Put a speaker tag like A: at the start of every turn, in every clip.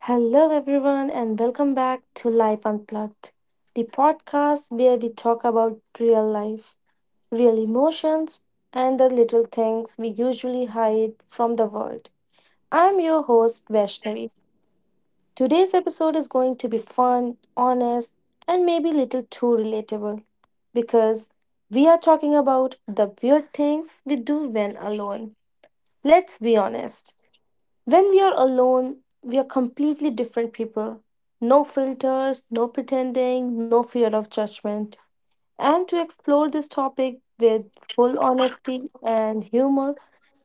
A: Hello, everyone, and welcome back to Life Unplugged, the podcast where we talk about real life, real emotions, and the little things we usually hide from the world. I'm your host, Vaishnavi. Today's episode is going to be fun, honest, and maybe little too relatable because we are talking about the weird things we do when alone. Let's be honest. When we are alone, we are completely different people. No filters, no pretending, no fear of judgment. And to explore this topic with full honesty and humor,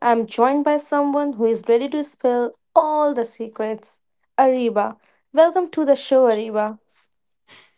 A: I'm joined by someone who is ready to spill all the secrets. Ariba. Welcome to the show, Ariba.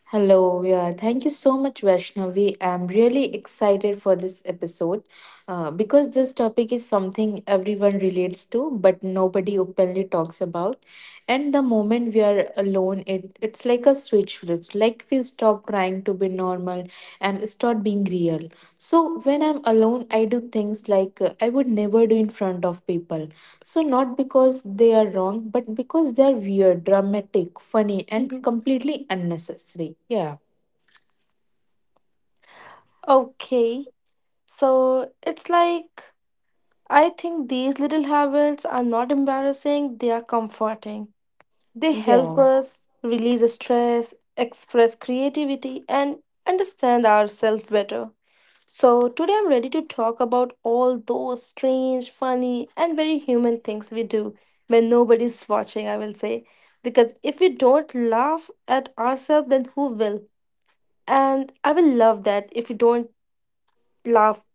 B: Hello, yeah, thank you so much, Vaishnavi. I'm really excited for this episode because this topic is something everyone relates to, but nobody openly talks about. And the moment we are alone, it's like a switch flips, like we stop trying to be normal and start being real. So when I'm alone, I do things like I would never do in front of people. So not because they are wrong, but because they are weird, dramatic, funny, and
A: Mhm.
B: completely unnecessary. Yeah.
A: Okay, so it's like I think these little habits are not embarrassing, they are comforting. They help
B: Yeah.
A: us release stress, express creativity, and understand ourselves better. So, today I'm ready to talk about all those strange, funny, and very human things we do when nobody's watching, I will say. Because if we don't laugh at ourselves, then who will? And I will love that if you don't laugh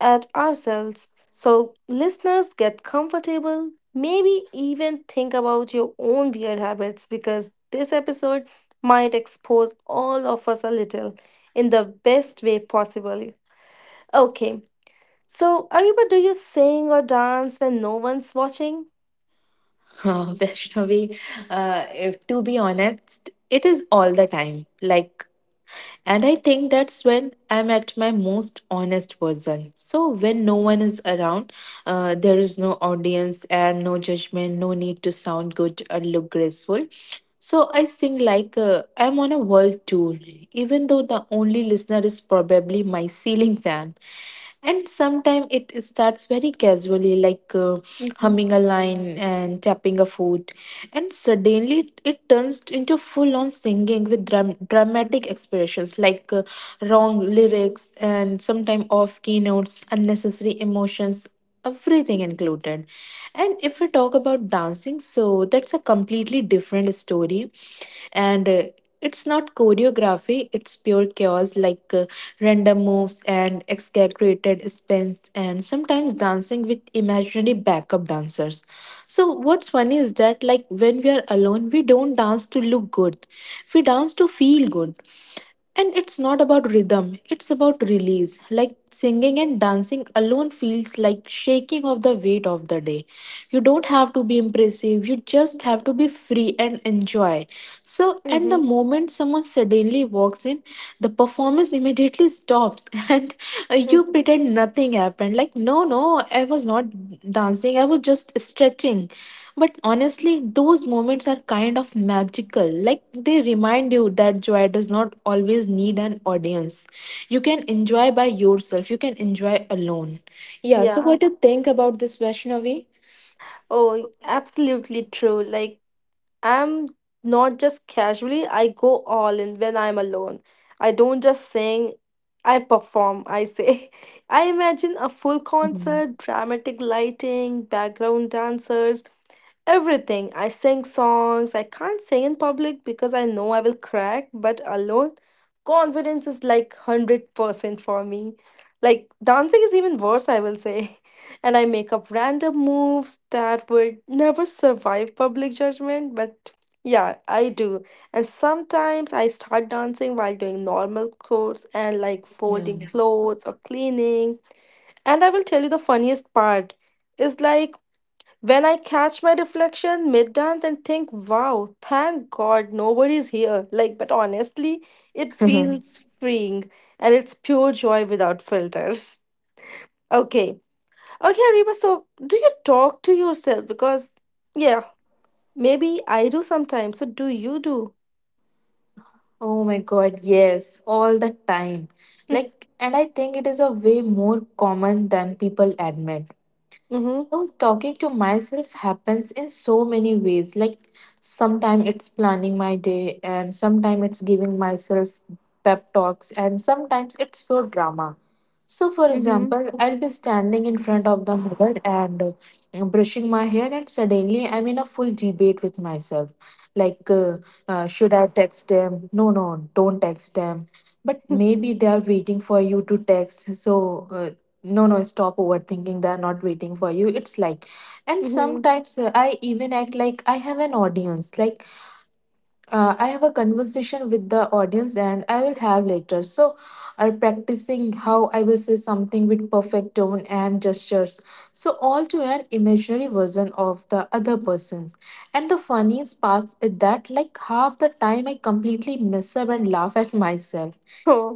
A: at ourselves. So, listeners, get comfortable. Maybe even think about your own weird habits because this episode might expose all of us a little in the best way possible. Okay, so Ariba, do you sing or dance when no one's watching?
B: Vaishnavi, if, to be honest, it is all the time. Like, and I think that's when I'm at my most honest version. So, when no one is around, there is no audience and no judgment, no need to sound good or look graceful. So, I sing like I'm on a world tour, even though the only listener is probably my ceiling fan. And sometimes it starts very casually, like
A: Mm-hmm.
B: humming a line and tapping a foot, and suddenly it turns into full on singing with dramatic expressions like wrong lyrics and sometimes off key notes, unnecessary emotions, everything included. And if we talk about dancing, so that's a completely different story. And it's not choreography, it's pure chaos, like random moves and exaggerated spins and sometimes dancing with imaginary backup dancers. So what's funny is that, like, when we are alone, we don't dance to look good, we dance to feel good. And it's not about rhythm, it's about release. Like singing and dancing alone feels like shaking off the weight of the day. You don't have to be impressive, you just have to be free and enjoy. So, at the
A: Mm-hmm.
B: moment someone suddenly walks in, the performance immediately stops, and you
A: Mm-hmm.
B: pretend nothing happened. Like, no, no, I was not dancing, I was just stretching. But honestly, those moments are kind of magical. Like, they remind you that joy does not always need an audience. You can enjoy by yourself, you can enjoy alone. Yeah, so
A: Yeah,
B: what do you think about this, Vaishnavi?
A: oh, absolutely true. Like, I'm not just casually, I go all in when I'm alone. I don't just sing, I perform, I say. I imagine a full
B: Mhm.
A: concert, dramatic lighting, background dancers, everything. I sing songs. I can't sing in public because I know I will crack, but alone, confidence is like 100% for me. Like, dancing is even worse, I will say. And I make up random moves that would never survive public judgment, but yeah, I do. And sometimes I start dancing while doing normal chores and like
B: Yeah.
A: folding clothes or cleaning. And I will tell you the funniest part is like when I catch my reflection mid dance and think, wow, thank God nobody's here. Like, but honestly, it feels freeing and it's pure joy without filters. Okay. Okay, Ariba, so do you talk to yourself? Because, yeah, maybe I do sometimes. So do you do?
B: Oh my God, yes, all the time. Like, and I think it is a way more common than people admit.
A: Mm-hmm.
B: So talking to myself happens in so many ways. Like, sometimes it's planning my day, and sometimes it's giving myself pep talks, and sometimes it's pure drama. So for
A: Mm-hmm.
B: example, I'll be standing in front of the mirror and brushing my hair, and suddenly I'm in a full debate with myself. Like, should I text them? No, no, don't text them. But maybe they are waiting for you to text. So no, no, stop overthinking, they're not waiting for you. It's like, and
A: Mm-hmm.
B: sometimes I even act like I have an audience. Like I have a conversation with the audience and I will have later. So are practicing how I will say something with perfect tone and gestures, so all to an imaginary version of the other person's. And the funniest part is that, like, half the time I completely mess up and laugh at myself.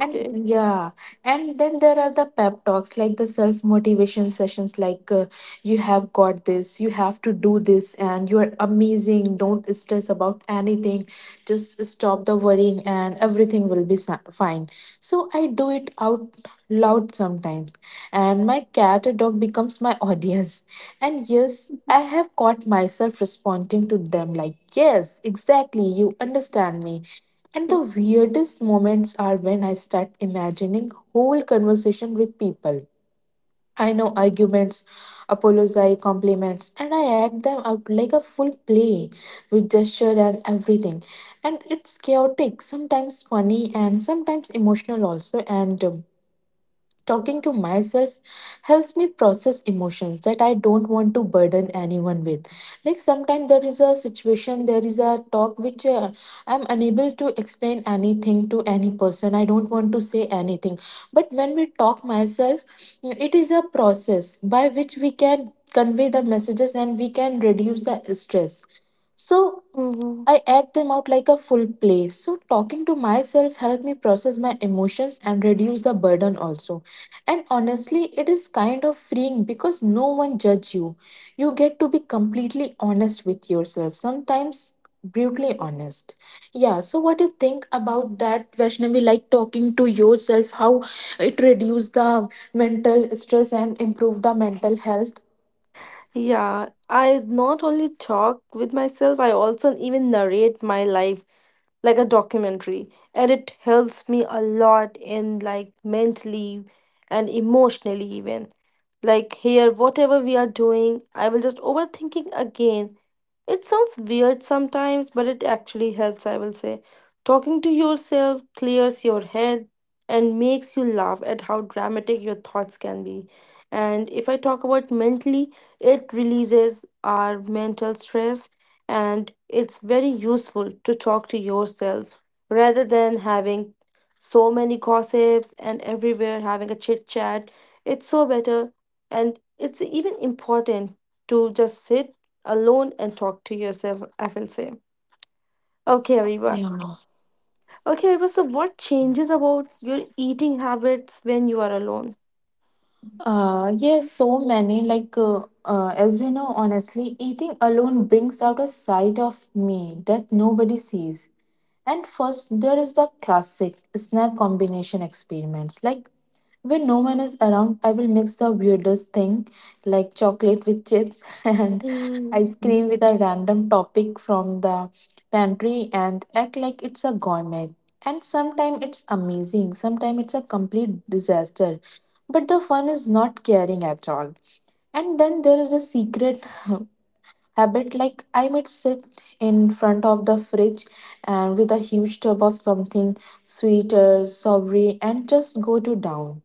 B: And yeah, and then there are the pep talks, like the self motivation sessions, like you have got this, you have to do this, and you are amazing. Don't stress about anything, just stop the worrying and everything will be fine. So I do it out loud sometimes, and my cat or dog becomes my audience. And yes, I have caught myself responding to them like, yes, exactly, you understand me. And the weirdest moments are when I start imagining whole conversation with people I know. Arguments, apologize, compliments, and I act them out like a full play with gesture and everything. And it's chaotic, sometimes funny, and sometimes emotional also. And talking to myself helps me process emotions that I don't want to burden anyone with. Like sometimes there is a situation, there is a talk which I'm unable to explain anything to any person. I don't want to say anything. But when we talk myself, it is a process by which we can convey the messages and we can reduce the stress. So
A: Mm-hmm.
B: I act them out like a full play. So talking to myself helped me process my emotions and reduce the burden also. And honestly, it is kind of freeing because no one judge you. You get to be completely honest with yourself. Sometimes brutally honest. Yeah, so what do you think about that, Vaishnavi, like talking to yourself, how it reduce the mental stress and improve the mental health?
A: Yeah, I not only talk with myself, I also even narrate my life like a documentary and it helps me a lot in like mentally and emotionally even like here whatever we are doing I will just overthinking again it sounds weird sometimes, but it actually helps, I will say. Talking to yourself clears your head and makes you laugh at how dramatic your thoughts can be. And if I talk about mentally, it releases our mental stress and it's very useful to talk to yourself rather than having so many gossips and everywhere having a chit chat. It's so better and it's even important to just sit alone and talk to yourself, I will say. Okay, Ariba.
B: Yeah.
A: Okay, Ariba, so what changes about your eating habits when you are alone?
B: Yes, so many. Like, as we know, honestly, eating alone brings out a side of me that nobody sees. And first, there is the classic snack combination experiments. Like, when no one is around, I will mix the weirdest thing, like chocolate with chips and
A: Mm,
B: ice cream with a random topic from the pantry, and act like it's a gourmet. And sometimes it's amazing, sometimes it's a complete disaster, but the fun is not caring at all. And then there is a secret habit, like I might sit in front of the fridge and with a huge tub of something sweet or savory and just go to down.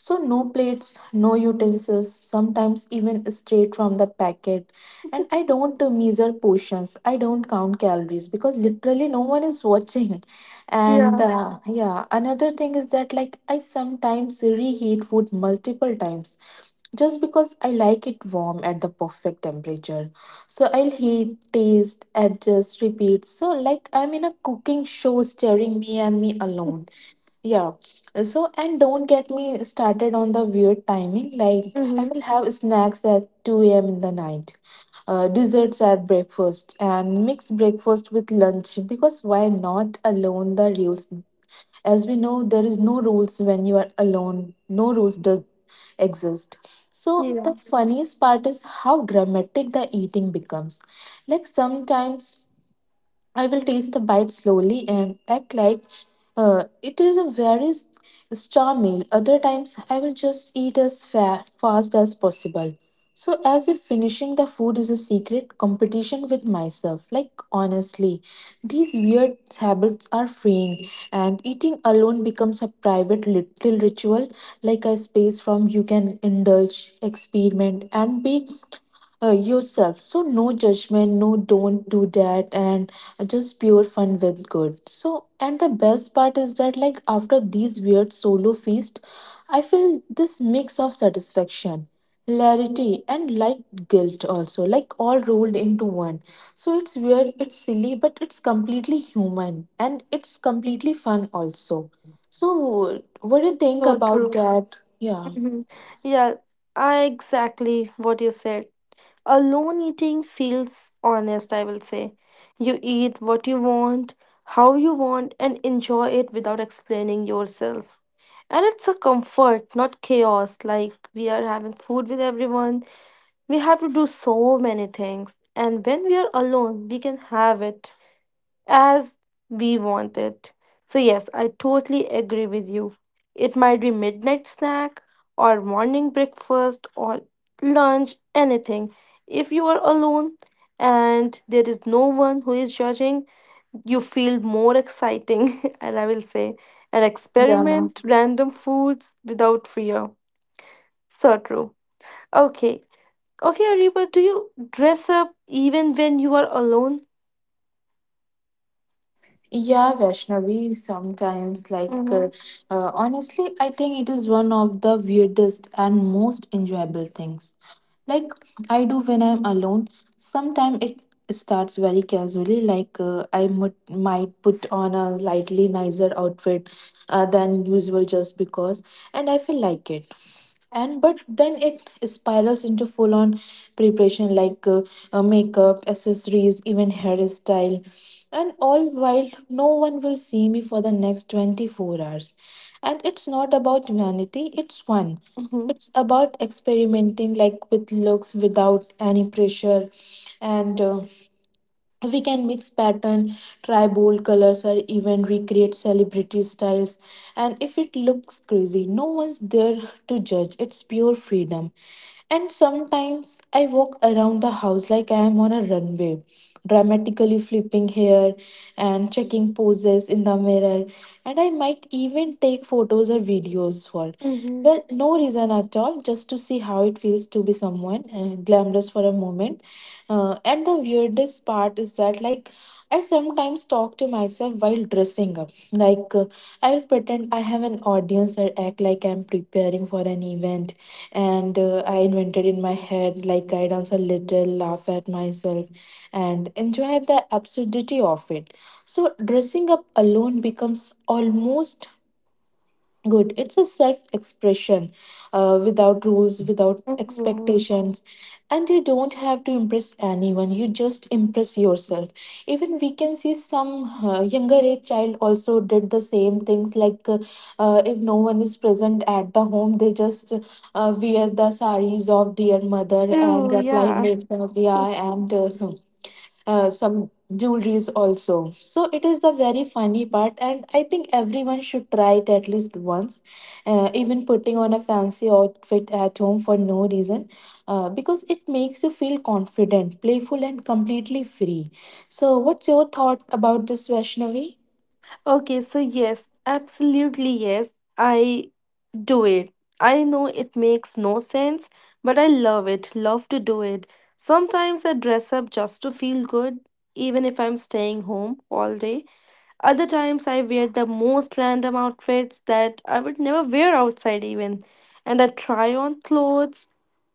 B: So no plates, no utensils, sometimes even straight from the packet. And I don't measure portions, I don't count calories because literally no one is watching. And
A: yeah.
B: yeah, another thing is that, like, I sometimes reheat food multiple times just because I like it warm at the perfect temperature. So, I'll heat, taste, adjust, repeat. So, like I'm in a cooking show staring me and me alone, yeah. So, and don't get me started on the weird timing. Like, I
A: Mm-hmm.
B: will have snacks at 2 a.m. in the night, desserts at breakfast, and mix breakfast with lunch, because why not alone the rules? As we know, there is no rules when you are alone, no rules does exist. So,
A: Yeah.
B: the funniest part is how dramatic the eating becomes. Like, sometimes I will taste a bite slowly and act like it is a very star meal. Other times, I will just eat as fast as possible. So, as if finishing the food is a secret competition with myself. Like, honestly, these weird habits are freeing, and eating alone becomes a private little ritual, like a space from you can indulge, experiment, and be yourself. So no judgment, no don't do that, and just pure fun with good. So and the best part is that, like, after these weird solo feast, I feel this mix of satisfaction, hilarity, and light guilt also, like all rolled into one. So it's weird, it's silly, but it's completely human and it's completely fun also. So what do you think
A: So
B: about
A: true.
B: that? Yeah.
A: Mm-hmm. Yeah, I exactly what you said. Alone eating feels honest, I will say. You eat what you want, how you want, and enjoy it without explaining yourself. And it's a comfort, not chaos, like we are having food with everyone. We have to do so many things, and when we are alone, we can have it as we want it. So, yes, I totally agree with you. It might be midnight snack, or morning breakfast, or lunch, anything. If you are alone and there is no one who is judging, you feel more exciting, and I will say, and
B: Yeah.
A: experiment random foods without fear. So true. Okay, okay, Ariba, do you dress up even when you are alone?
B: Yeah, Vaishnavi, sometimes, like, uh,
A: Mm-hmm.
B: uh, honestly, I think it is one of the weirdest and most enjoyable things. Like, I do when I'm alone. Sometimes it starts very casually, like, I might put on a slightly nicer outfit than usual just because, and I feel like it. And but then it spirals into full on preparation like makeup, accessories, even hairstyle, and all while no one will see me for the next 24 hours. And it's not about vanity, it's fun,
A: Mm-hmm.
B: it's about experimenting, like with looks without any pressure. And we can mix pattern, try bold colors, or even recreate celebrity styles. And if it looks crazy, no one's there to judge, it's pure freedom. And sometimes I walk around the house like I am on a runway, dramatically flipping hair and checking poses in the mirror. And I might even take photos or videos for,
A: Mm-hmm.
B: well, no reason at all, just to see how it feels to be someone glamorous for a moment. And the weirdest part is that, like, I sometimes talk to myself while dressing up. Like, I'll pretend I have an audience or act like I'm preparing for an event. And I invented in my head, like, I dance a little, laugh at myself, and enjoy the absurdity of it. So, dressing up alone becomes almost good, it's a self expression without rules, without
A: Mm-hmm.
B: expectations. And you don't have to impress anyone, you just impress yourself. Even we can see some younger age child also did the same things, like, if no one is present at the home, they just wear the saris of their mother and
A: True,
B: apply
A: yeah.
B: makeup, yeah. And some jewelries also. So it is the very funny part, and I think everyone should try it at least once. Even putting on a fancy outfit at home for no reason, because it makes you feel confident, playful, and completely free. So, what's your thought about this, Vaishnavi?
A: Okay, so yes, absolutely yes, I do it. I know it makes no sense, but I love it, love to do it. Sometimes I dress up just to feel good, even if I'm staying home all day. Other times, I wear the most random outfits that I would never wear outside, even. And I try on clothes,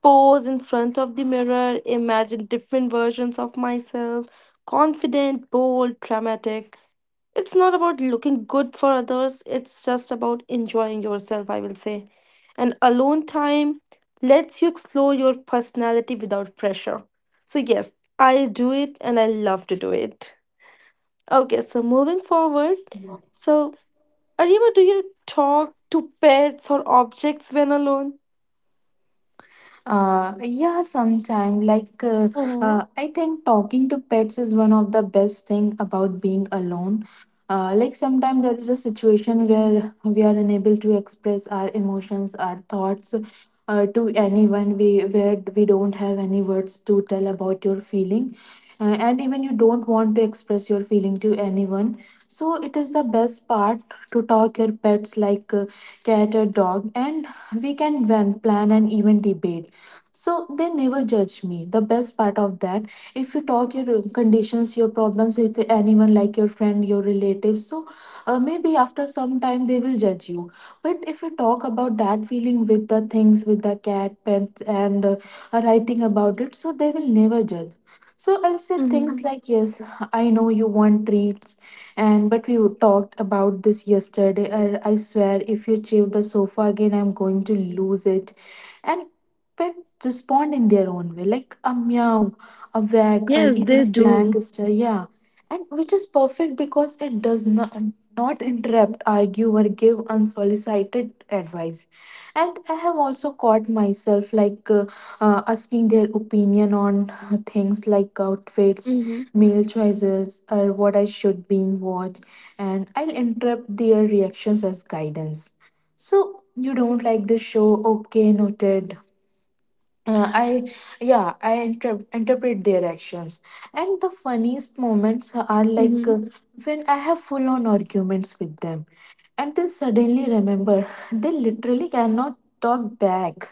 A: pose in front of the mirror, imagine different versions of myself confident, bold, dramatic. It's not about looking good for others, it's just about enjoying yourself, I will say. And alone time lets you explore your personality without pressure. So, yes, I do it and I love to do it. Okay, so moving forward, so Ariba, do you talk to pets or objects when alone?
B: Uh, yeah, sometime like uh,
A: Oh,
B: uh, I think talking to pets is one of the best thing about being alone. Like sometimes there is a situation where we are unable to express our emotions, our thoughts to anyone. We where we don't have any words to tell about your feeling, and even you don't want to express your feeling to anyone. So it is the best part to talk your pets like cat or dog, and we can plan and even debate, so they never judge me, the best part of that. If you talk your conditions, your problems with anyone like your friend, your relatives, so maybe after some time they will judge you, but if you talk about that feeling with the things with the cat, pets, and writing about it, so they will never judge. So I'll say
A: hmm,
B: things like, yes, I know you want treats, and but we talked about this yesterday. I swear if you chew the sofa again, I'm going to lose it. And pet respond in their own way, like a meow, a wag, or
A: yes, they
B: even a
A: do.
B: blank stare. Yeah, and which is perfect because it does not not interrupt, argue, or give unsolicited advice. And I have also caught myself like asking their opinion on things like outfits,
A: Mm-hmm.
B: meal choices, or what I should be in watch, and I'll interrupt their reactions as guidance. So you don't like the show? Okay, noted. Uh, I yeah I inter- interpret their actions, and the funniest moments are like when I have full on arguments with them and then suddenly remember they literally cannot talk back,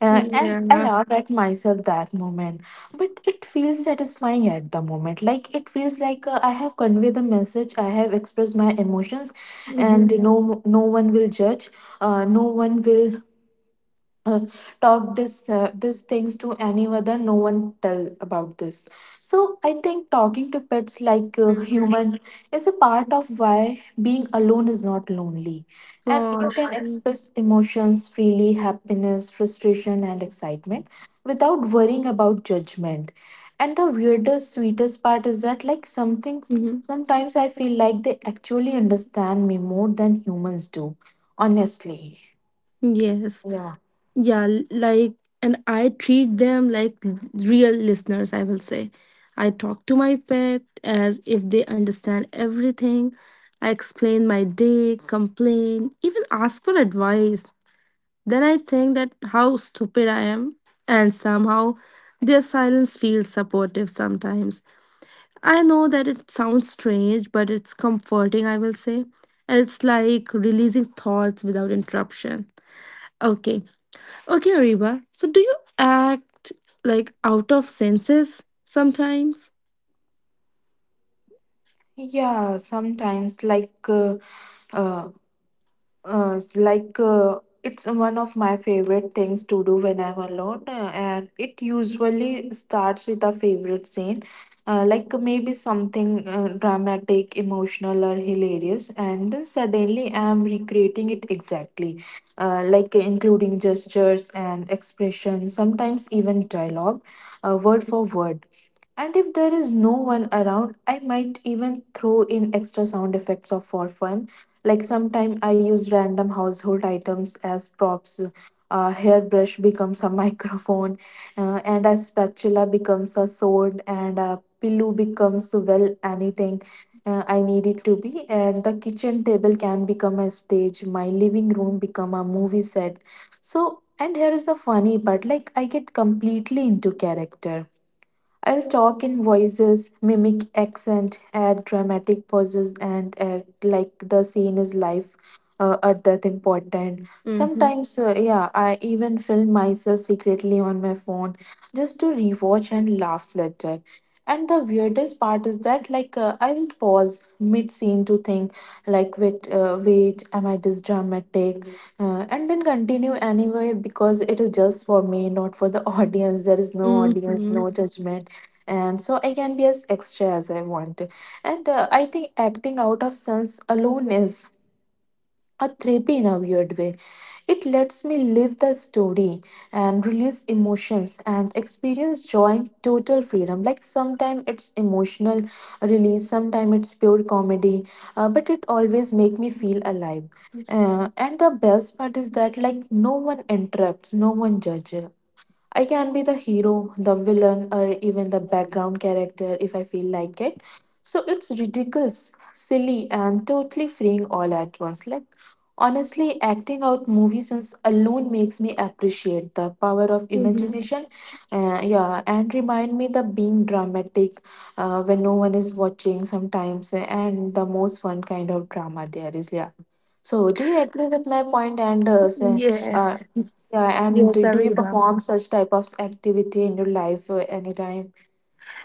A: Mm-hmm.
B: and I
A: Yeah.
B: laugh at myself that moment, but it feels satisfying at the moment. Like it feels like I have conveyed the message, I have expressed my emotions, and
A: Mm-hmm.
B: no one will judge. No one will uh, talk this, these things to any other, no one tell about this. So I think talking to pets like
A: Mm,
B: human is a part of why being alone is not lonely, and
A: for
B: you can
A: sure.
B: express emotions freely, happiness, frustration, and excitement without worrying about judgment. And the weirdest, sweetest part is that like something
A: Mm-hmm.
B: sometimes I feel like they actually understand me more than humans do, honestly.
A: Yes.
B: Yeah.
A: Yeah. Like, and I treat them like real listeners, I will say. I talk to my pet as if they understand everything. I explain my day, complain, even ask for advice. Then I think that how stupid I am, and somehow their silence feels supportive sometimes. I know that it sounds strange, but it's comforting, I will say. And it's like releasing thoughts without interruption. Okay. Okay, Ariba. So do you act like out of senses sometimes?
B: Yeah, sometimes like uh, s- like It's one of my favorite things to do when I'm alone, and it usually starts with a favorite scene, like maybe something dramatic, emotional, or hilarious, and then suddenly I'm recreating it exactly, like including gestures and expressions, sometimes even dialogue, word for word. And if there is no one around, I might even throw in extra sound effects of for fun. Like sometimes I use random household items as props. A hairbrush becomes a microphone, and a spatula becomes a sword, and a pillow becomes well anything I need it to be. And the kitchen table can become a stage. My living room become a movie set. So, and here is the funny part: like I get completely into character. I'll talk in voices, mimic accent, add dramatic pauses, and act like the scene is live or that important.
A: Mm-hmm.
B: Sometimes, yeah, I even film myself secretly on my phone just to rewatch and laugh later. And the weirdest part is that, like, I will pause mid scene to think, like, wait, wait, am I this dramatic? And then continue anyway because it is just for me, not for the audience. There is no audience,
A: Mm-hmm.
B: no judgment, and so I can be as extra as I want. And I think acting out of sense alone is a therapy in a weird way. It lets me live the story and release emotions and experience joy in total freedom. Like sometimes it's emotional release, sometimes it's pure comedy, but it always make me feel alive, and the best part is that like no one interrupts, no one judges. I can be the hero, the villain, or even the background character if I feel like it. So it's ridiculous, silly, and totally freeing all at once. Like, honestly, acting out movie scenes alone makes me appreciate the power of
A: Mm-hmm.
B: imagination. Yeah, and remind me the being dramatic when no one is watching sometimes, and the most fun kind of drama there is. Yeah. So, do you agree with my point and say, uh,
A: Yes.
B: yeah, and
A: Yes,
B: do you
A: Ariba.
B: perform such type of activity in your life anytime?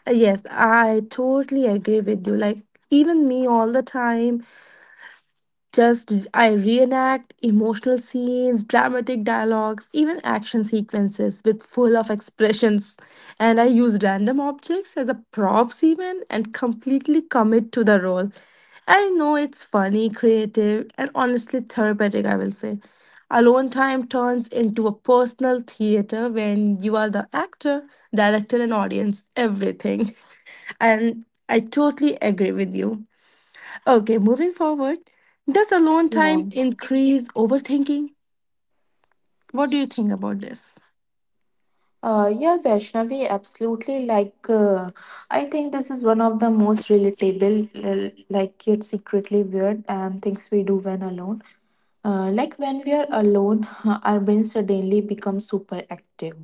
A: Yes, I totally agree with you. Like, even me all the time, just I reenact emotional scenes, dramatic dialogues, even action sequences with full of expressions. And I use random objects as a props even and completely commit to the role. I know it's funny, creative, and honestly therapeutic, I will say. Alone time turns into a personal theater when you are the actor, director, and audience, everything. And I totally agree with you. Okay, moving forward, does alone time
B: Yeah.
A: increase overthinking? What do you think about this?
B: Yeah, Vaishnavi, absolutely. Like, I think this is one of the most relatable, like, yet secretly weird and things we do when alone. Like, when we are alone, our brain suddenly becomes super active.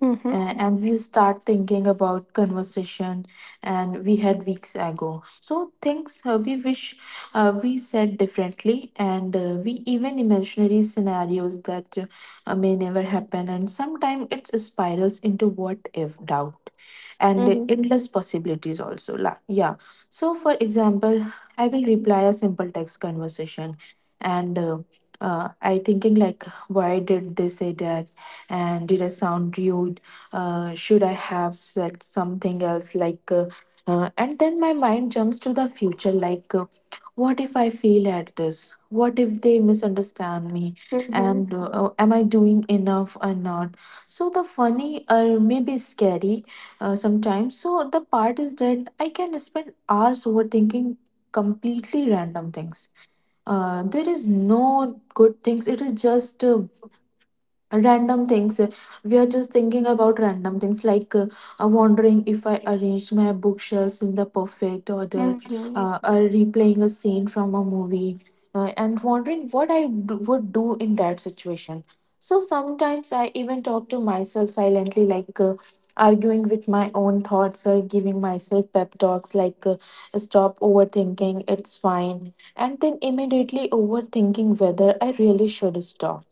A: Mm-hmm.
B: And we'll start thinking about conversation and we had weeks ago, so things we wish we said differently, and we even imaginary scenarios that may never happen, and sometimes it spirals into what if doubt and
A: Mm-hmm.
B: endless possibilities also. Yeah. So for example, I will reply a simple text conversation, and I thinking like why did they say that, and did I sound rude? Should I have said something else like and then my mind jumps to the future like what if I fail at this? What if they misunderstand me? And
A: Mm-hmm.
B: oh, am I doing enough or not? So, the funny or maybe scary sometimes. So, the part is that I can spend hours overthinking completely random things. There is no good things, it is just random things, we are just thinking about random things like wondering if I arranged my bookshelves in the perfect order,
A: Mm-hmm.
B: replaying a scene from a movie, and wondering what I would do in that situation. So sometimes I even talk to myself silently like arguing with my own thoughts or giving myself pep talks like stop overthinking, it's fine, and then immediately overthinking whether I really should stop.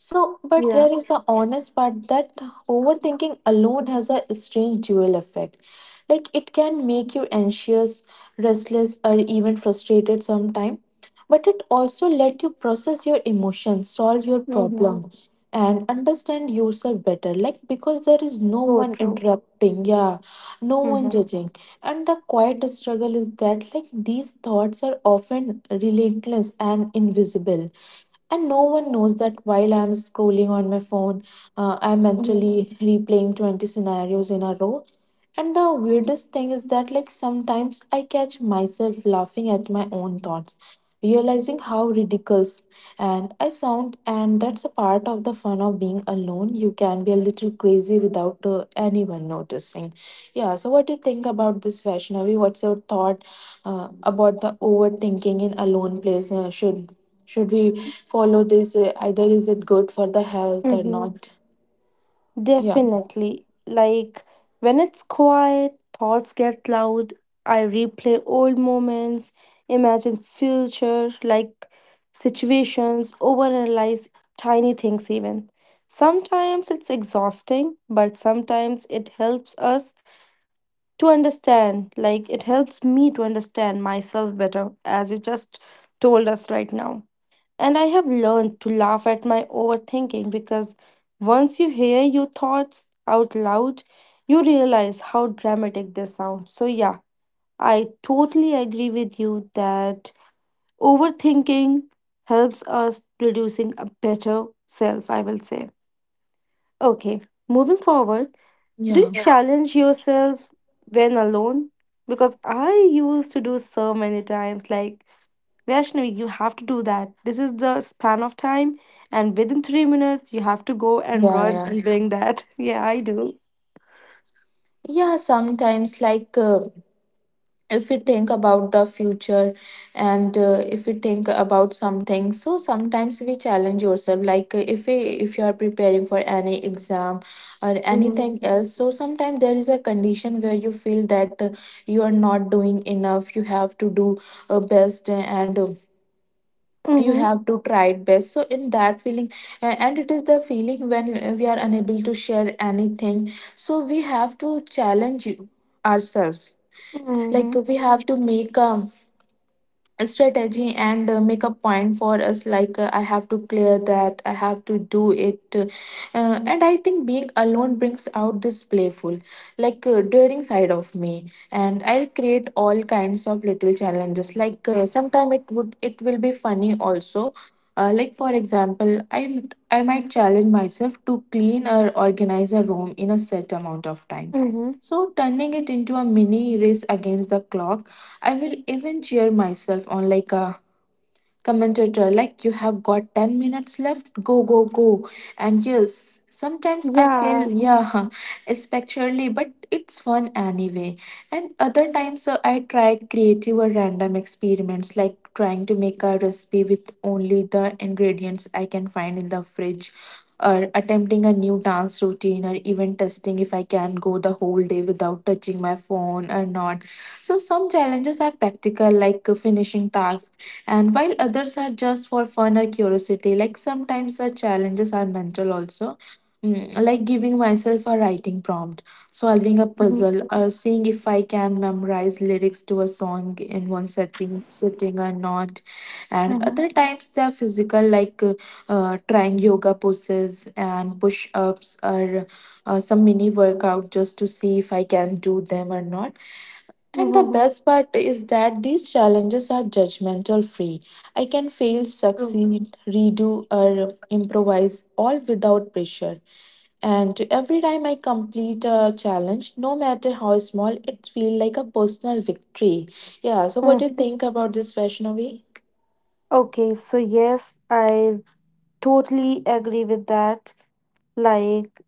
B: So, but
A: Yeah.
B: here is the honest part that overthinking alone has a strange dual effect. Like it can make you anxious, restless, or even frustrated sometime. But it also let you process your emotions, solve your
A: Mm.
B: problem, and understand yourself better. Like because there is no
A: So
B: one
A: true.
B: interrupting, yeah, no one
A: Mm-hmm.
B: judging. And the quiet struggle is that like these thoughts are often relentless and invisible, and no one knows that while I'm scrolling on my phone, I'm mentally replaying 20 scenarios in a row. And the weirdest thing is that, like, sometimes I catch myself laughing at my own thoughts, realizing how ridiculous and I sound, and that's a part of the fun of being alone. You can be a little crazy without anyone noticing. Yeah, so what do you think about this, Vaishnavi? What's your thought about the overthinking in alone place? Should we follow this? Either is it good for the health or
A: Mm-hmm.
B: not? Yeah,
A: Definitely. Like when it's quiet, thoughts get loud. I replay old moments, imagine future like situations, overanalyze tiny things even. Sometimes it's exhausting, but sometimes it helps us to understand. Like it helps me to understand myself better, as you just told us right now. And I have learned to laugh at my overthinking because once you hear your thoughts out loud, you realize how dramatic they sound. So, yeah, I totally agree with you that overthinking helps us producing a better self, I will say. Okay, moving forward, do you
B: yeah,
A: Yeah. challenge yourself when alone? Because I used to do so many times, like, Vaishnavi, you have to do that. This is the span of time, and within 3 minutes, you have to go and run
B: yeah.
A: and bring that. Yeah, I do.
B: Yeah, sometimes, like if we think about the future, and if we think about something, so sometimes we challenge yourself. Like if you are preparing for any exam or
A: Mm-hmm.
B: anything else, so sometimes there is a condition where you feel that you are not doing enough. You have to do best and. You
A: Mm-hmm.
B: have to try it best, so in that feeling, and it is the feeling when we are unable to share anything, so we have to challenge ourselves, like
A: Mm-hmm.
B: we have to make a strategy, and make a point for us like I have to clear that, I have to do it, and I think being alone brings out this playful like daring side of me, and I'll create all kinds of little challenges like sometime it would it will be funny also, like for example, i I might challenge myself to clean or organize a room in a set amount of time,
A: Mm-hmm.
B: so turning it into a mini race against the clock. I will even cheer myself on like a commentator, like you have got 10 minutes left, go, go, go. And yes, sometimes I
A: Yeah.
B: feel, yeah, especially, but it's fun anyway. And other times I try creative or random experiments, like trying to make a recipe with only the ingredients I can find in the fridge. Or attempting a new dance routine, or even testing if I can go the whole day without touching my phone or not. So some challenges are practical, like finishing tasks, and while others are just for fun or curiosity. Like sometimes the challenges are mental also. Mm, like giving myself a writing prompt, solving a
A: Mm-hmm.
B: puzzle, or seeing if I can memorize lyrics to a song in one setting sitting or not.
A: Mm-hmm.
B: And other times they are physical like trying yoga poses and push ups, or some mini workout just to see if I can do them or not. And the
A: Mm-hmm.
B: best part is that these challenges are judgmental free. I can fail,
A: True.
B: succeed, redo, or improvise all without pressure. And every time I complete a challenge, no matter how small, it feels like a personal victory. Yeah, so what do
A: Mm.
B: you think about this, Vaishnavi?
A: Okay, so yes, I totally agree with that. Like,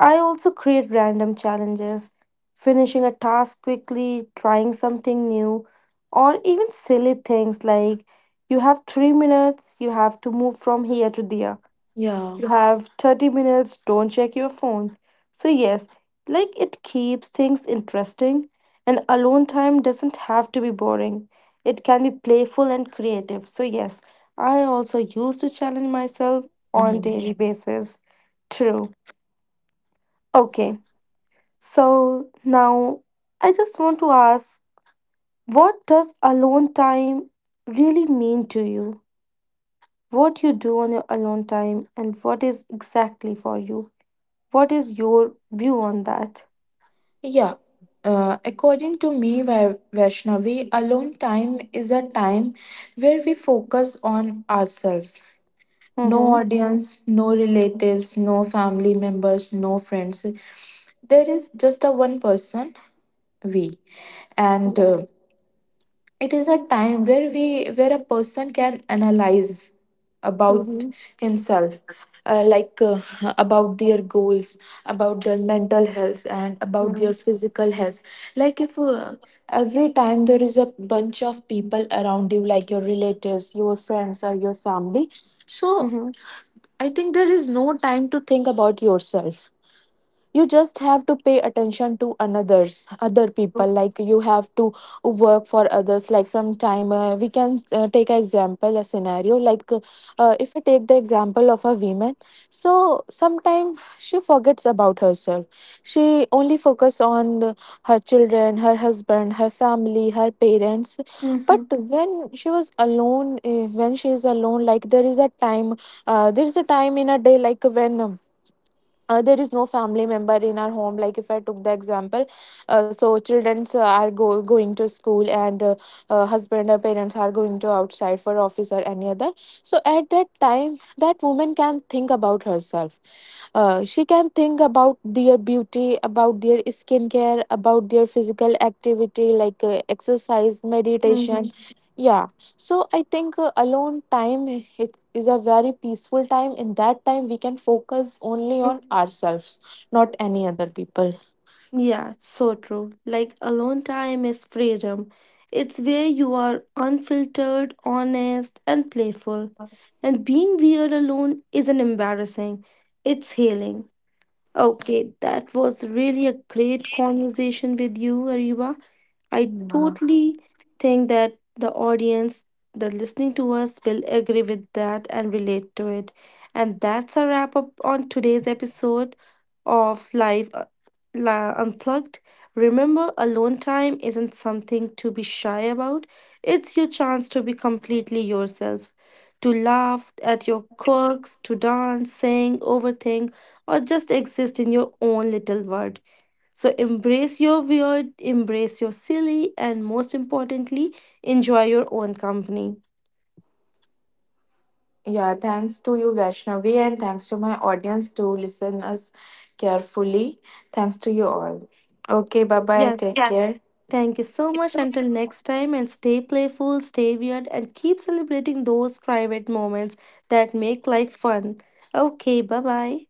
A: I also create random challenges, finishing a task quickly, trying something new, or even silly things like you have 3 minutes, you have to move from here to there.
B: Yeah.
A: You have 30 minutes, don't check your phone. So, yes, like it keeps things interesting, and alone time doesn't have to be boring. It can be playful and creative. So, yes, I also used to challenge myself on
B: Mhm.
A: daily basis. True. Okay. So now I just want to ask what does alone time really mean to you? What you do on your alone time and what is exactly for you? What is your view on that?
B: Yeah. According to me, Vaishnavi, alone time is a time where we focus on ourselves. No
A: Mm-hmm.
B: audience, no relatives, no family members, no friends. There is just a one person, we. And
A: Right.
B: it is a time where we where a person can analyze about
A: Mm-hmm.
B: himself like about their goals, about their mental health, and about their
A: Mm-hmm.
B: physical health. Like if every time there is a bunch of people around you like your relatives, your friends, or your family, so
A: Mm-hmm.
B: I think there is no time to think about yourself. You just have to pay attention to another's other people, like you have to work for others. Like sometime we can take an example, a scenario like if I take the example of a woman, so sometime she forgets about herself. She only focus on her children, her husband, her family, her parents. But
A: Mm-hmm.
B: when she was alone, when she is alone, like there is a time, there is a time in a day like when there is no family member in our home, like if I took the example, so children are going to school, and husband or parents are going to outside for office or any other. So at that time that woman can think about herself. She can think about their beauty, about their skincare, about their physical activity like exercise, meditation, yeah. So I think alone time it is a very peaceful time. In that time, we can focus only on
A: Mm-hmm.
B: ourselves, not any other people.
A: Yeah, it's so true. Like alone time is freedom. It's where you are unfiltered, honest, and playful. And being weird alone isn't embarrassing, it's healing. Okay, that was really a great conversation with you, Ariba. I
B: Yeah.
A: totally think that the audience, the listening to us, will agree with that and relate to it. And that's a wrap up on today's episode of Live Unplugged. Remember, alone time isn't something to be shy about, it's your chance to be completely yourself. To laugh at your quirks, to dance, sing, overthink, or just exist in your own little world. So embrace your weird, embrace your silly, and most importantly, enjoy your own company.
B: Yeah, thanks to you, Vaishnavi, and thanks to my audience to listen us carefully. Thanks to you all. Okay, bye bye.
A: Yeah,
B: Take care.
A: thank you so much. Until next time, and stay playful, stay weird, and keep celebrating those private moments that make life fun. Okay, bye bye.